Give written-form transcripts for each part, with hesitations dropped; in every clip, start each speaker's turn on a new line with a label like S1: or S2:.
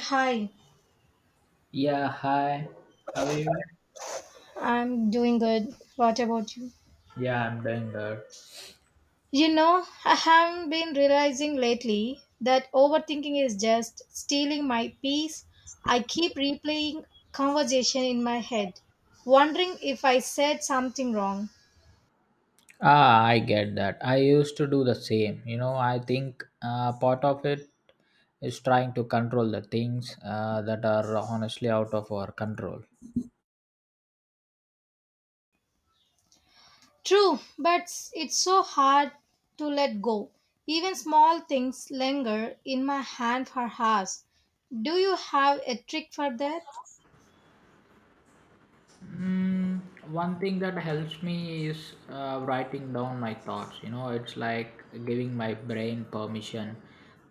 S1: Hi,
S2: Yeah, hi. How are you?
S1: I'm doing good. What about you?
S2: Yeah, I'm doing good.
S1: You know, I have been realizing lately that overthinking is just stealing my peace. I keep replaying conversation in my head, wondering if I said something wrong.
S2: Ah, I get that. I used to do the same. You know, I think part of it is trying to control the things that are honestly out of our control.
S1: True, but it's so hard to let go. Even small things linger in my hand for hours. Do you have a trick for that?
S2: Mm, One thing that helps me is writing down my thoughts. You know, it's like giving my brain permission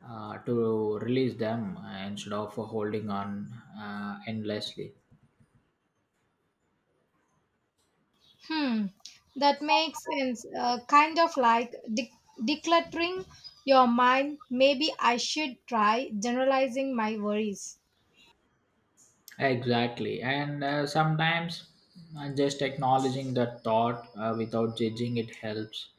S2: to release them instead of holding on endlessly.
S1: Hmm, that makes sense. Kind of like decluttering your mind. Maybe I should try generalizing my worries.
S2: Exactly. And sometimes just acknowledging that thought without judging it helps.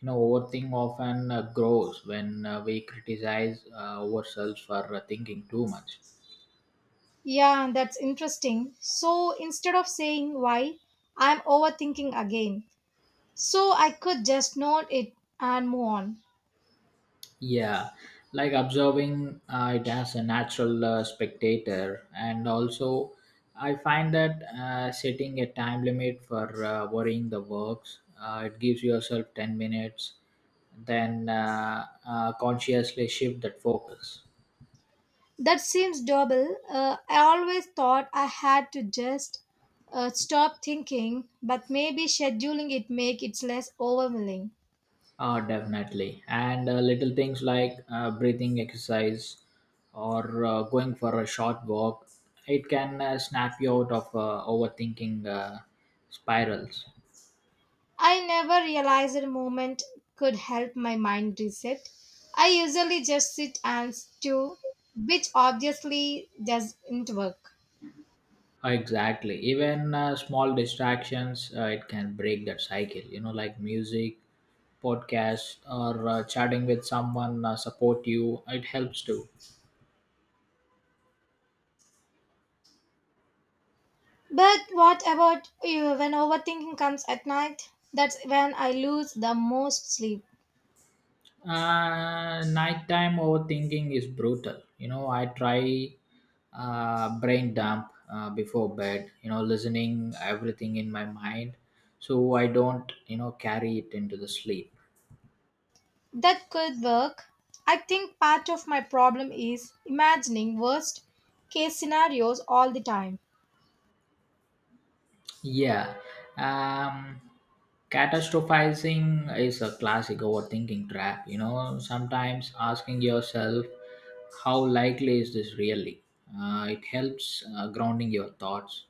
S2: You know, overthink often grows when we criticize ourselves for thinking too much.
S1: Yeah, that's interesting. So instead of saying why, I'm overthinking again. So I could just note it and move on.
S2: Yeah, like observing it as a natural spectator, and also I find that setting a time limit for worrying the works, it gives yourself 10 minutes, then consciously shift that focus.
S1: That seems double. I always thought I had to just stop thinking, but maybe scheduling it make it less overwhelming.
S2: Oh, definitely. And little things like breathing exercise or going for a short walk, it can snap you out of overthinking spirals.
S1: I never realized a moment could help my mind reset. I usually just sit and stew, which obviously doesn't work.
S2: Exactly. Even small distractions, it can break that cycle. You know, like music, podcast, or chatting with someone support you. It helps too.
S1: But what about you when overthinking comes at night? That's when I lose the most sleep.
S2: Nighttime overthinking is brutal. You know, I try brain dump before bed. You know, listening everything in my mind, so I don't carry it into the sleep.
S1: That could work. I think part of my problem is imagining worst case scenarios all the time.
S2: Yeah. Um, catastrophizing is a classic overthinking trap. You know, sometimes asking yourself, how likely is this really? It helps grounding your thoughts.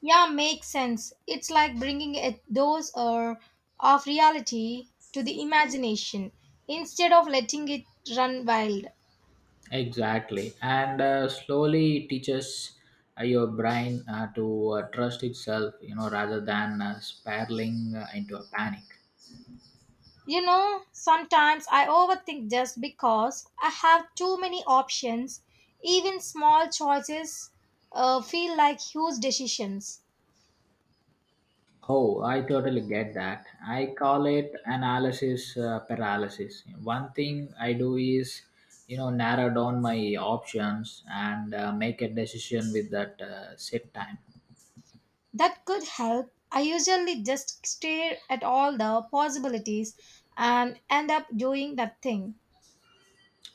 S1: Yeah, makes sense. It's like bringing a dose or of reality to the imagination instead of letting it run wild.
S2: Exactly. And slowly teaches your brain to trust itself, you know, rather than spiraling into a panic.
S1: You know, sometimes I overthink just because I have too many options. Even small choices feel like huge decisions.
S2: Oh, I totally get that. I call it analysis paralysis. One thing I do is, you know, narrow down my options and make a decision with that set time.
S1: That could help. I usually just stare at all the possibilities and end up doing that thing.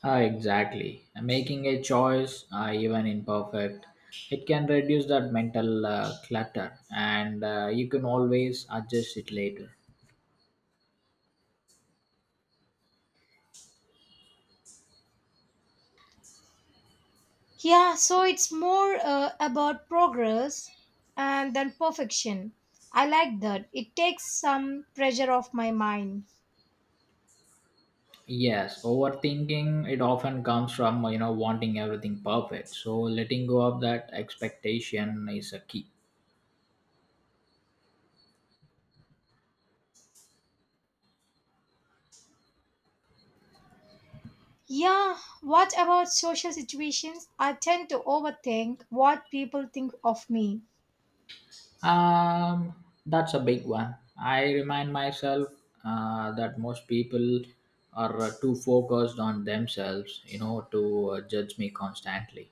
S2: Ah, exactly. Making a choice, even imperfect, it can reduce that mental clutter, and you can always adjust it later.
S1: Yeah, so it's more about progress and than perfection. I like that. It takes some pressure off my mind.
S2: Yes, overthinking it often comes from wanting everything perfect. So letting go of that expectation is a key.
S1: Yeah, what about social situations? I tend to overthink what people think of me.
S2: That's a big one. I remind myself that most people are too focused on themselves, you know, to judge me constantly.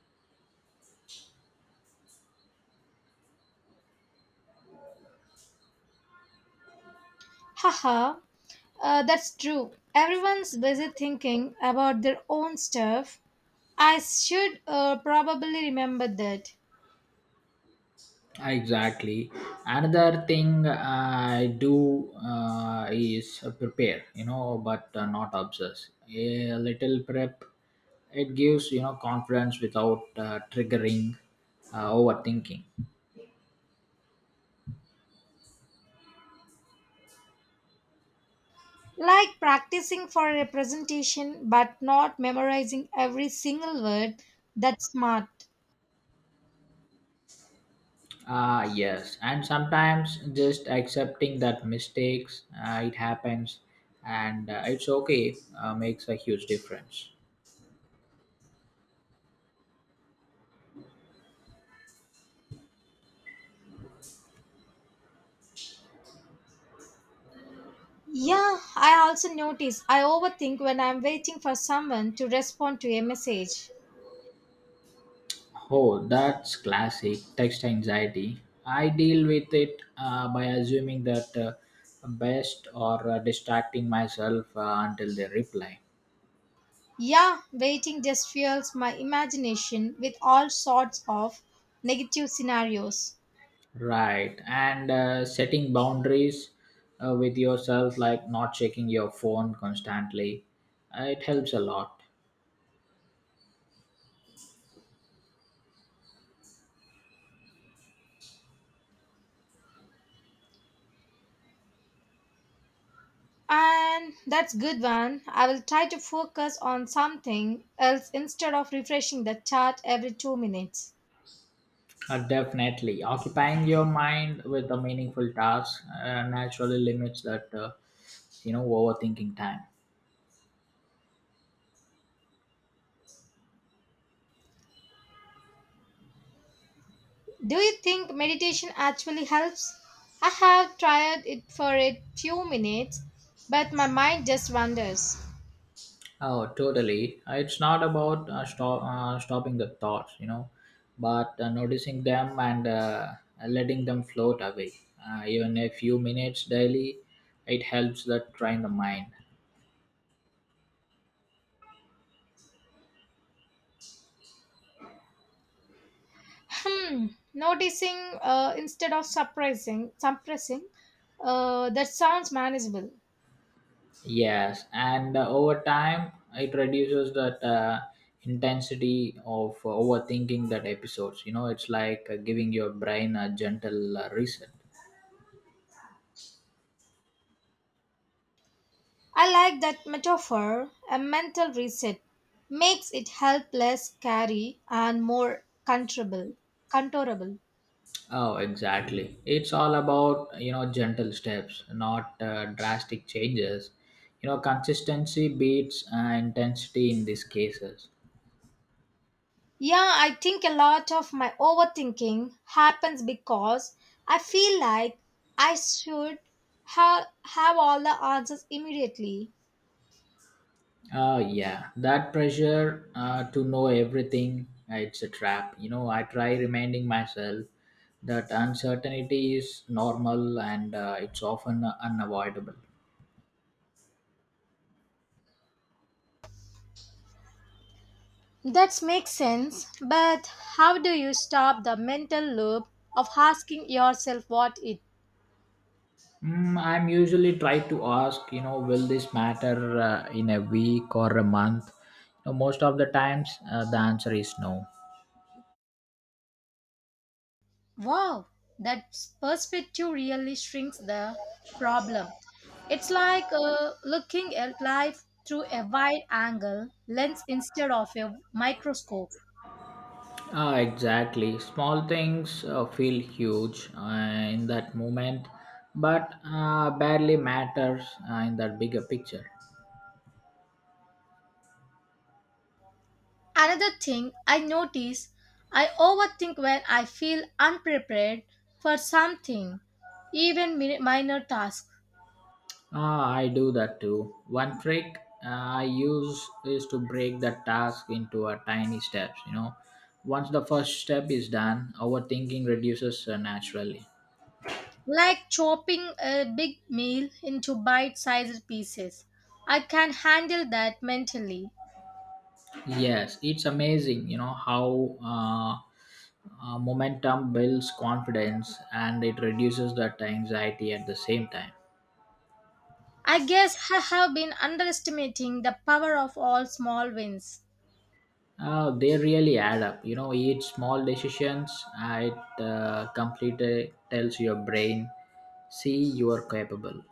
S1: Haha, that's true. Everyone's busy thinking about their own stuff. I should probably remember that.
S2: Exactly. Another thing I do is prepare, but not obsess. A little prep, it gives confidence without triggering overthinking.
S1: Like practicing for a presentation but not memorizing every single word, that's smart.
S2: Ah, yes, and sometimes just accepting that mistakes it happens and it's okay makes a huge difference.
S1: Yeah, I also notice I overthink when I'm waiting for someone to respond to a message.
S2: Oh, that's classic text anxiety. I deal with it by assuming that best or distracting myself until they reply.
S1: Yeah, waiting just fuels my imagination with all sorts of negative scenarios.
S2: Right, and setting boundaries with yourself, like not checking your phone constantly, it helps a lot.
S1: And that's good one. I will try to focus on something else instead of refreshing the chat every 2 minutes.
S2: Definitely, occupying your mind with a meaningful task naturally limits that, overthinking time.
S1: Do you think meditation actually helps? I have tried it for a few minutes, but my mind just wanders.
S2: Oh, totally. It's not about stopping the thoughts, you know, but noticing them and letting them float away. Even a few minutes daily, it helps that train the mind.
S1: Hmm, noticing instead of suppressing, that sounds manageable.
S2: Yes, and over time, it reduces that intensity of overthinking that episodes. You know, it's like giving your brain a gentle reset.
S1: I like that metaphor. A mental reset makes it help less scary and more controllable. Controllable.
S2: Oh, exactly. It's all about, you know, gentle steps, not drastic changes. You know, consistency beats intensity in these cases.
S1: Yeah, I think a lot of my overthinking happens because I feel like I should have all the answers immediately.
S2: Yeah, that pressure to know everything, it's a trap. You know, I try reminding myself that uncertainty is normal and it's often unavoidable.
S1: That makes sense, but how do you stop the mental loop of asking yourself what it?
S2: I'm usually try to ask, you know, will this matter in a week or a month? You know, most of the times, the answer is no.
S1: Wow, that perspective really shrinks the problem. It's like looking at life through a wide angle lens instead of a microscope.
S2: Ah, exactly. Small things feel huge in that moment, but barely matters in that bigger picture.
S1: Another thing I notice, I overthink when I feel unprepared for something, even minor tasks,
S2: Ah, I do that too. One trick I use is to break the task into a tiny steps. You know, once the first step is done, overthinking reduces naturally.
S1: like chopping a big meal into bite sized pieces. I can handle that mentally.
S2: Yes, it's amazing, you know, how momentum builds confidence and it reduces that anxiety at the same time.
S1: I guess I have been underestimating the power of all small wins.
S2: They really add up, you know, each small decisions, it completely tells your brain, see, you are capable.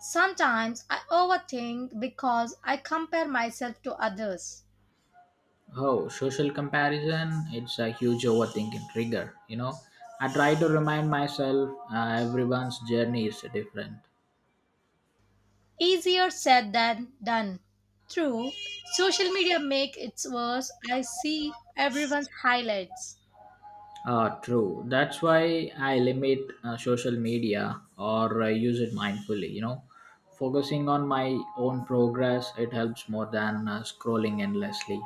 S1: Sometimes I overthink because I compare myself to others.
S2: Oh, social comparison, it's a huge overthinking trigger. I try to remind myself everyone's journey is different.
S1: Easier said than done. True, social media make it worse. I see everyone's highlights.
S2: True. That's why I limit social media or use it mindfully. You know, focusing on my own progress, it helps more than scrolling endlessly.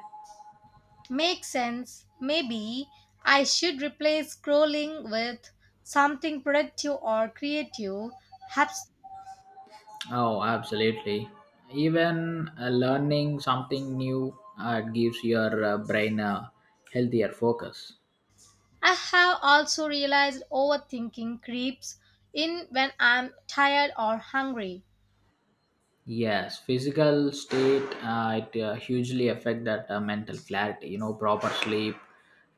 S1: Makes sense. Maybe I should replace scrolling with something productive or creative. Perhaps
S2: Oh, absolutely. Even learning something new gives your brain a healthier focus.
S1: I have also realized overthinking creeps in when I'm tired or hungry.
S2: Yes, physical state it hugely affect that mental clarity. You know, proper sleep,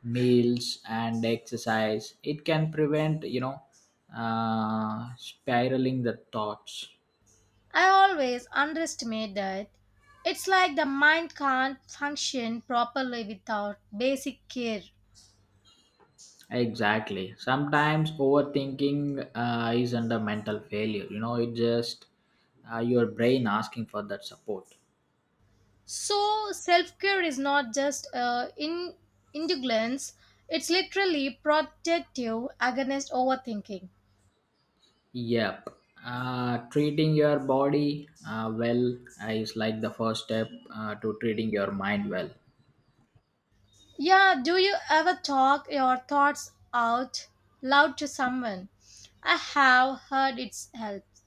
S2: meals, and exercise. It can prevent spiraling the thoughts.
S1: I always underestimate that. It's like the mind can't function properly without basic care.
S2: Exactly. Sometimes overthinking is under mental failure. You know, it just your brain asking for that support.
S1: So self care is not just in indulgence; it's literally protective against overthinking.
S2: Yep. Treating your body well is like the first step to treating your mind well.
S1: Yeah, do you ever talk your thoughts out loud to someone? I have heard it's helps.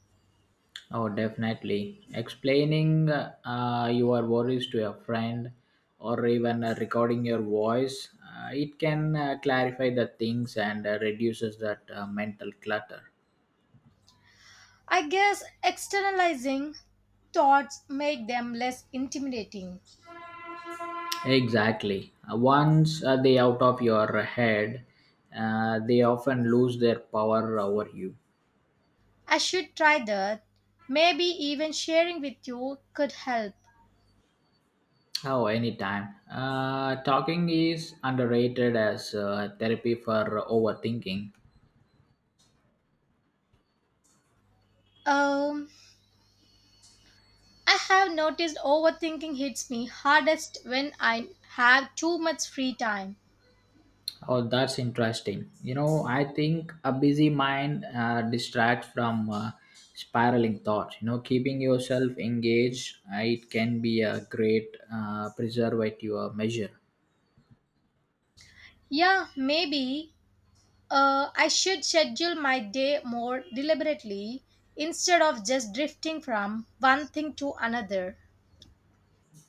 S2: Oh, definitely. Explaining your worries to a friend or even recording your voice, it can clarify the things and reduces that mental clutter.
S1: I guess externalizing thoughts make them less intimidating.
S2: Exactly. Once they out of your head, they often lose their power over you.
S1: I should try that. Maybe even sharing with you could help.
S2: Oh, anytime. Talking is underrated as therapy for overthinking.
S1: Um, I have noticed overthinking hits me hardest when I have too much free time.
S2: Oh, that's interesting. You know, I think a busy mind distracts from spiraling thoughts. You know, keeping yourself engaged, it can be a great preservative measure.
S1: Yeah, maybe I should schedule my day more deliberately instead of just drifting from one thing to another.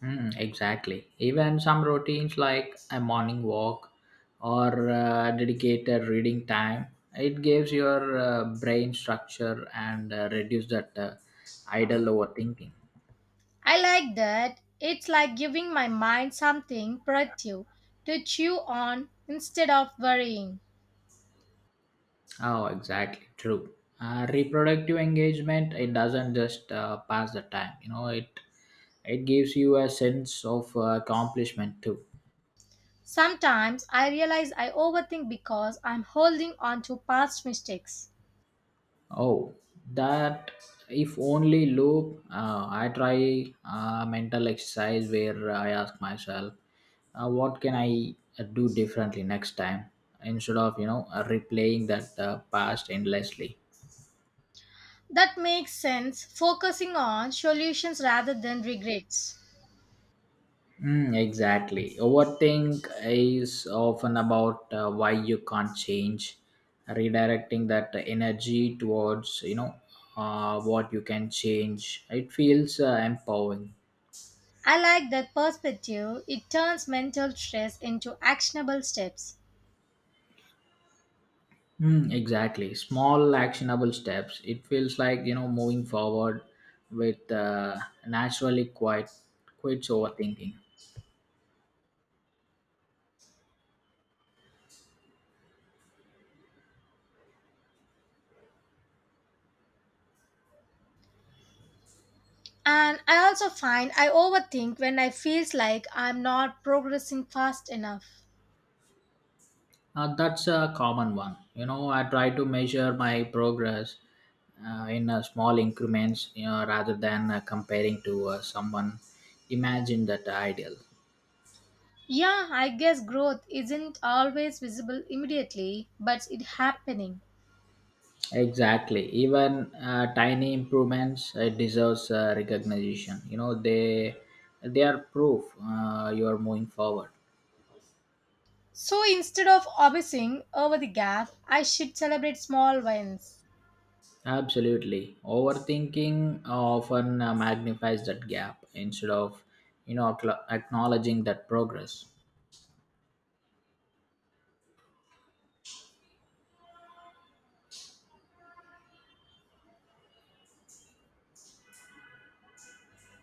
S2: Mm, exactly. Even some routines like a morning walk or dedicated reading time, it gives your brain structure and reduce that idle overthinking.
S1: I like that. It's like giving my mind something productive to chew on instead of worrying.
S2: Oh, exactly. True. Reproductive engagement it doesn't just pass the time. You know, it gives you a sense of accomplishment too.
S1: Sometimes I realize I overthink because I'm holding on to past mistakes.
S2: Oh, that if only loop. I try mental exercise where I ask myself, what can I do differently next time instead of replaying that past endlessly.
S1: That makes sense, focusing on solutions rather than regrets.
S2: Mm, exactly. Overthink is often about why you can't change, redirecting that energy towards what you can change. It feels empowering.
S1: I like that perspective. It turns mental stress into actionable steps.
S2: Mm, exactly. Small actionable steps. It feels like moving forward with naturally quite quits overthinking.
S1: And I also find I overthink when I feels like I'm not progressing fast enough.
S2: That's a common one. You know, I try to measure my progress in small increments rather than comparing to someone imagine that ideal.
S1: Yeah, I guess growth isn't always visible immediately, but it's happening.
S2: Exactly. Even tiny improvements deserves recognition. You know, they are proof you are moving forward.
S1: So instead of obsessing over the gap, I should celebrate small wins.
S2: Absolutely. Overthinking often magnifies that gap instead of acknowledging that progress.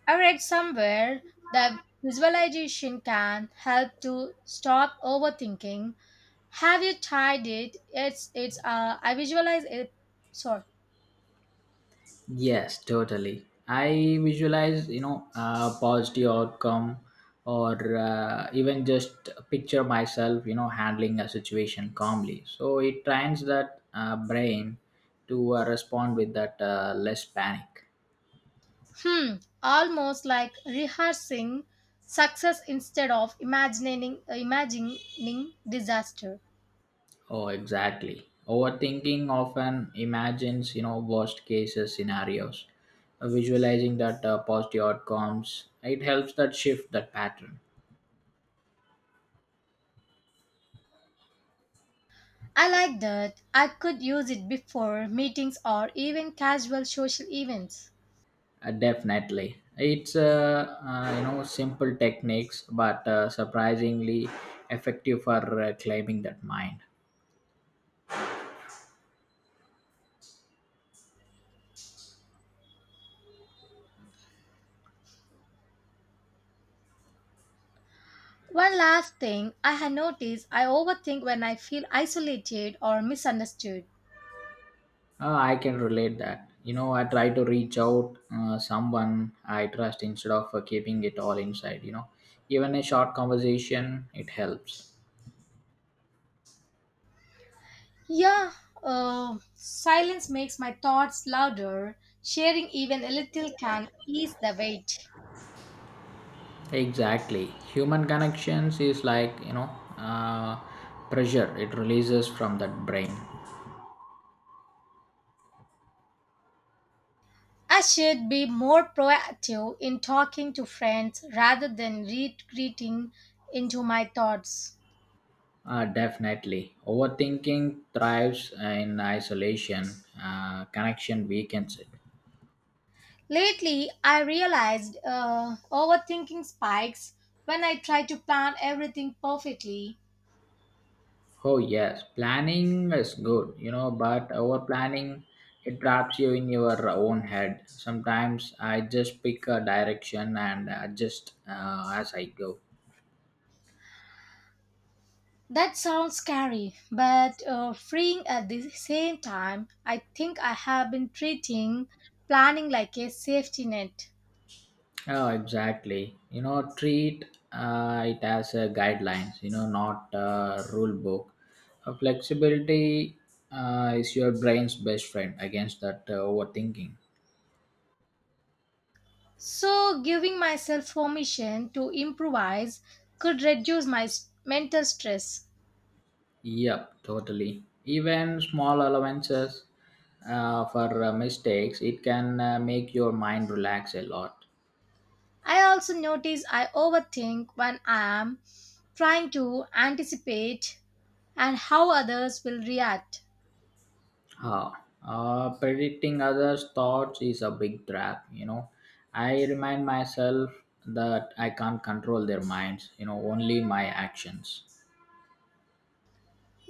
S1: I read somewhere that visualization can help to stop overthinking. Have you tried it? It's I visualize it sort.
S2: Yes, totally. I visualize, you know, a positive outcome or even just picture myself, you know, handling a situation calmly. So it trains that brain to respond with that less panic.
S1: Hmm, almost like rehearsing success instead of imagining disaster.
S2: Oh, exactly. Overthinking often imagines, you know, worst cases scenarios. Visualizing that positive outcomes, it helps that shift that pattern.
S1: I like that. I could use it before meetings or even casual social events.
S2: Definitely, it's simple techniques, but surprisingly effective for claiming that mind.
S1: One last thing I had noticed I overthink when I feel isolated or misunderstood.
S2: I can relate that. You know, I try to reach out someone I trust instead of keeping it all inside. You know, even a short conversation it helps.
S1: Yeah, silence makes my thoughts louder. Sharing even a little can ease the weight.
S2: Exactly, human connections is like uh, pressure. It releases from that brain.
S1: I should be more proactive in talking to friends rather than retreating into my thoughts.
S2: Definitely. Overthinking thrives in isolation. Connection weakens it.
S1: Lately, I realized overthinking spikes when I try to plan everything perfectly.
S2: Oh, yes. Planning is good, you know, but over planning, it traps you in your own head. Sometimes I just pick a direction and adjust as I go.
S1: That sounds scary, but freeing at the same time. I think I have been treating planning like a safety net.
S2: Oh, exactly. You know, treat it as a guidelines. You know, not a rule book. Flexibility is your brain's best friend against that overthinking.
S1: So, giving myself permission to improvise could reduce my mental stress.
S2: Yep, totally. Even small allowances for mistakes, it can make your mind relax a lot.
S1: I also notice I overthink when I am trying to anticipate and how others will react.
S2: Huh. Predicting others' thoughts is a big trap. I remind myself that I can't control their minds, you know, only my actions.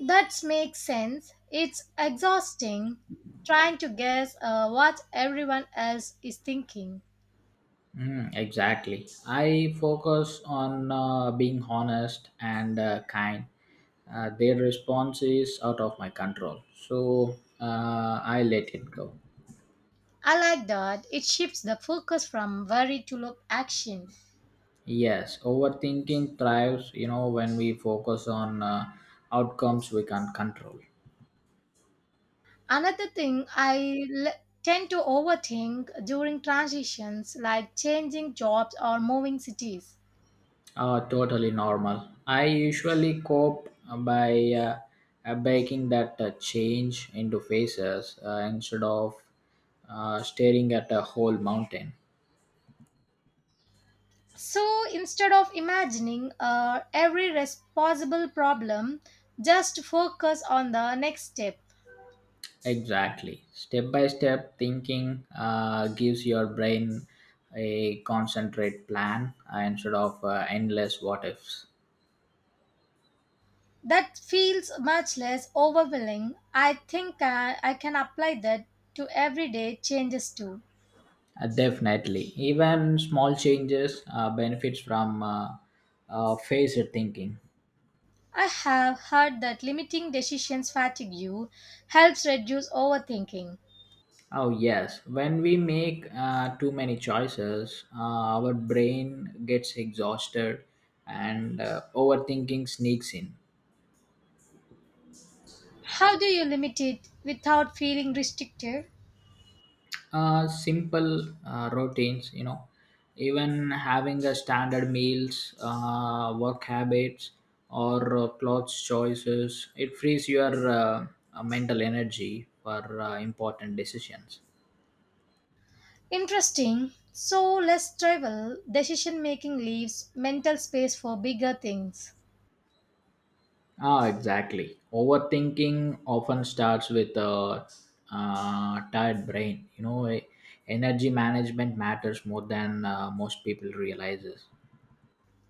S1: That makes sense. It's exhausting trying to guess what everyone else is thinking.
S2: Mm, exactly. I focus on being honest and kind. Their response is out of my control, so I let it go.
S1: I like that. It shifts the focus from worry to look action.
S2: Yes, overthinking thrives, you know, when we focus on outcomes we can't control.
S1: Another thing I l- tend to overthink during transitions like changing jobs or moving cities.
S2: Totally normal. I usually cope by breaking that change into phases instead of staring at a whole mountain.
S1: So instead of imagining every responsible problem, just focus on the next step.
S2: Exactly. Step by step thinking gives your brain a concentrate plan instead of endless what ifs.
S1: That feels much less overwhelming. I think I can apply that to everyday changes too.
S2: Definitely. Even small changes benefits from phased thinking.
S1: I have heard that limiting decisions fatigue you helps reduce overthinking.
S2: Oh, yes. When we make too many choices, our brain gets exhausted and overthinking sneaks in.
S1: How do you limit it without feeling restricted?
S2: Simple routines, you know, even having a standard meals, work habits, or clothes choices, it frees your mental energy for important decisions.
S1: Interesting. So, less travel, decision making leaves mental space for bigger things.
S2: Ah, exactly. Overthinking often starts with a tired brain. You know, energy management matters more than most people realizes.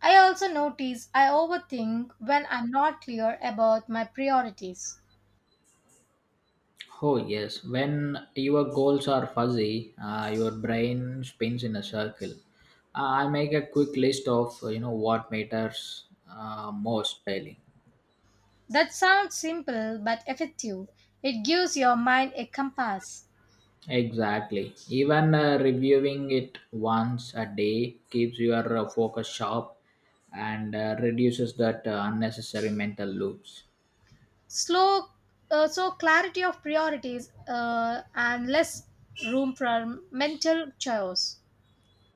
S1: I also notice I overthink when I'm not clear about my priorities.
S2: Oh yes, when your goals are fuzzy, your brain spins in a circle. I make a quick list of what matters most daily.
S1: That sounds simple but effective. It gives your mind a compass.
S2: Exactly. Even reviewing it once a day keeps your focus sharp and reduces that unnecessary mental loops.
S1: Slow, so clarity of priorities and less room for mental chaos.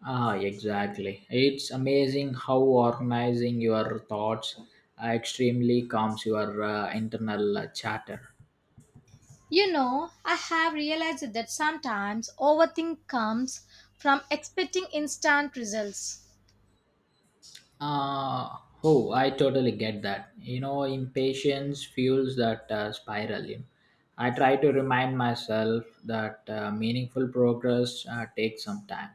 S2: Ah, exactly. It's amazing how organizing your thoughts extremely calms your internal chatter.
S1: You know, I have realized that sometimes overthink comes from expecting instant results.
S2: Uh, oh, I totally get that. You know, impatience fuels that spiral. I try to remind myself that meaningful progress takes some time.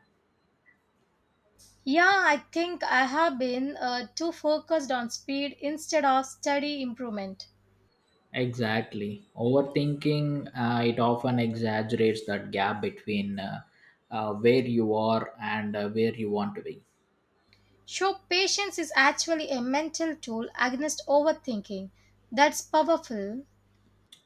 S1: Yeah, I think I have been too focused on speed instead of steady improvement.
S2: Exactly. Overthinking, it often exaggerates that gap between where you are and where you want to be.
S1: Show patience is actually a mental tool against overthinking. That's powerful.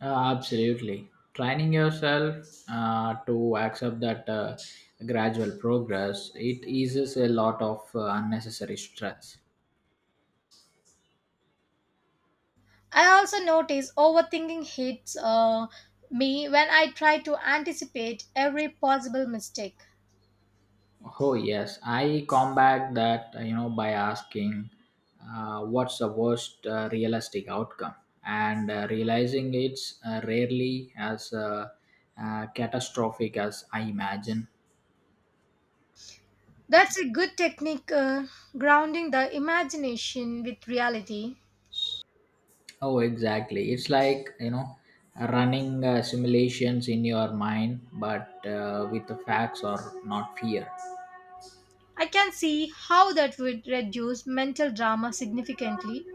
S2: Absolutely. Training yourself to accept that gradual progress, it eases a lot of unnecessary stress.
S1: I also notice overthinking hits me when I try to anticipate every possible mistake.
S2: Oh yes, I combat that by asking what's the worst realistic outcome, and realizing it's rarely as catastrophic as I imagine.
S1: That's a good technique, grounding the imagination with reality.
S2: Oh, exactly. It's like running simulations in your mind, but with the facts or not fear.
S1: I can see how that would reduce mental drama significantly.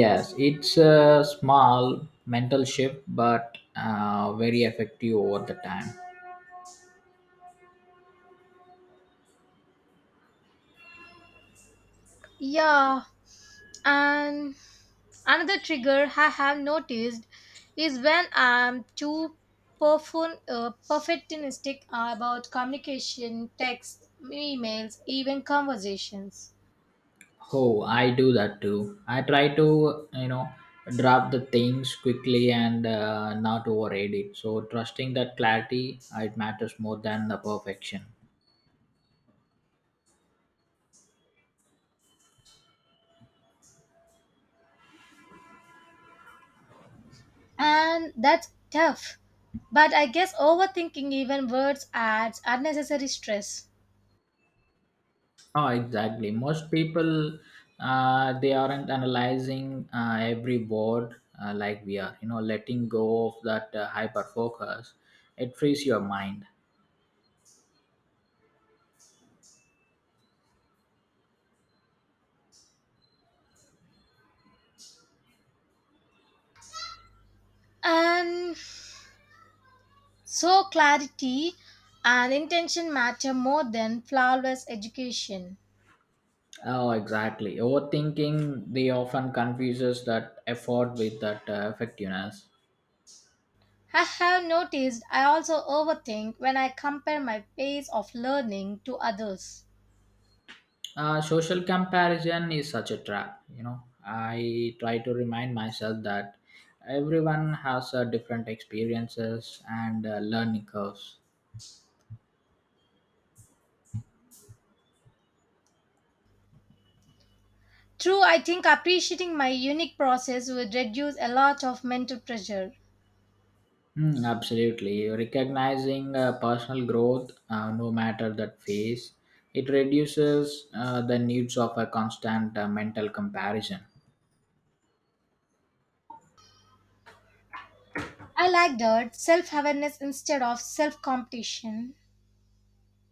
S2: Yes, it's a small mental shift, but very effective over the time.
S1: Yeah, and another trigger I have noticed is when I'm too perfectionistic about communication, text, emails, even conversations.
S2: Oh, I do that too. I try to, you know, drop the things quickly and not override it. So, trusting that clarity, it matters more than the perfection.
S1: And that's tough. But I guess overthinking even words adds unnecessary stress.
S2: Oh, exactly. Most people, they aren't analyzing every word like we are. You know, letting go of that hyper focus, it frees your mind.
S1: And so clarity and intention matter more than flawless education.
S2: Oh, exactly. Overthinking, they often confuses that effort with that effectiveness.
S1: I have noticed I also overthink when I compare my pace of learning to others.
S2: Social comparison is such a trap. I try to remind myself that everyone has different experiences and learning curves.
S1: True, I think appreciating my unique process would reduce a lot of mental pressure.
S2: Hmm, absolutely recognizing personal growth no matter that phase it reduces the needs of a constant mental comparison.
S1: I like that self awareness instead of self competition.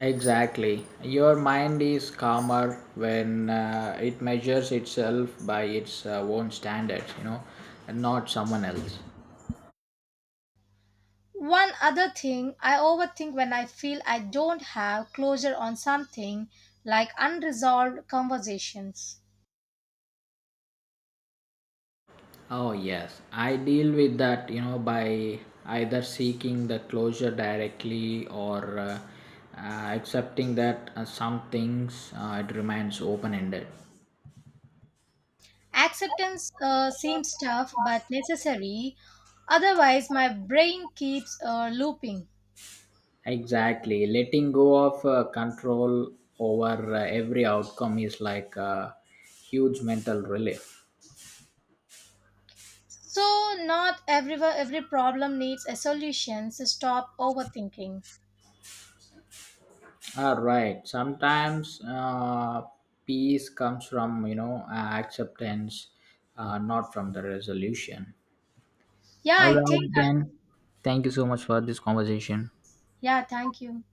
S2: Exactly. Your mind is calmer when it measures itself by its own standards, you know, and not someone else.
S1: One other thing I overthink when I feel I don't have closure on something like unresolved conversations.
S2: Oh, yes. I deal with that, you know, by either seeking the closure directly or accepting that some things it remains open ended.
S1: Acceptance seems tough but necessary, otherwise, my brain keeps looping.
S2: Exactly. Letting go of control over every outcome is like a huge mental relief.
S1: So not everywhere every problem needs a solution. So stop overthinking.
S2: All right. Sometimes peace comes from, you know, acceptance, not from the resolution.
S1: Yeah,
S2: All
S1: I think
S2: right, then. Thank you so much for this conversation.
S1: yeah, thank you.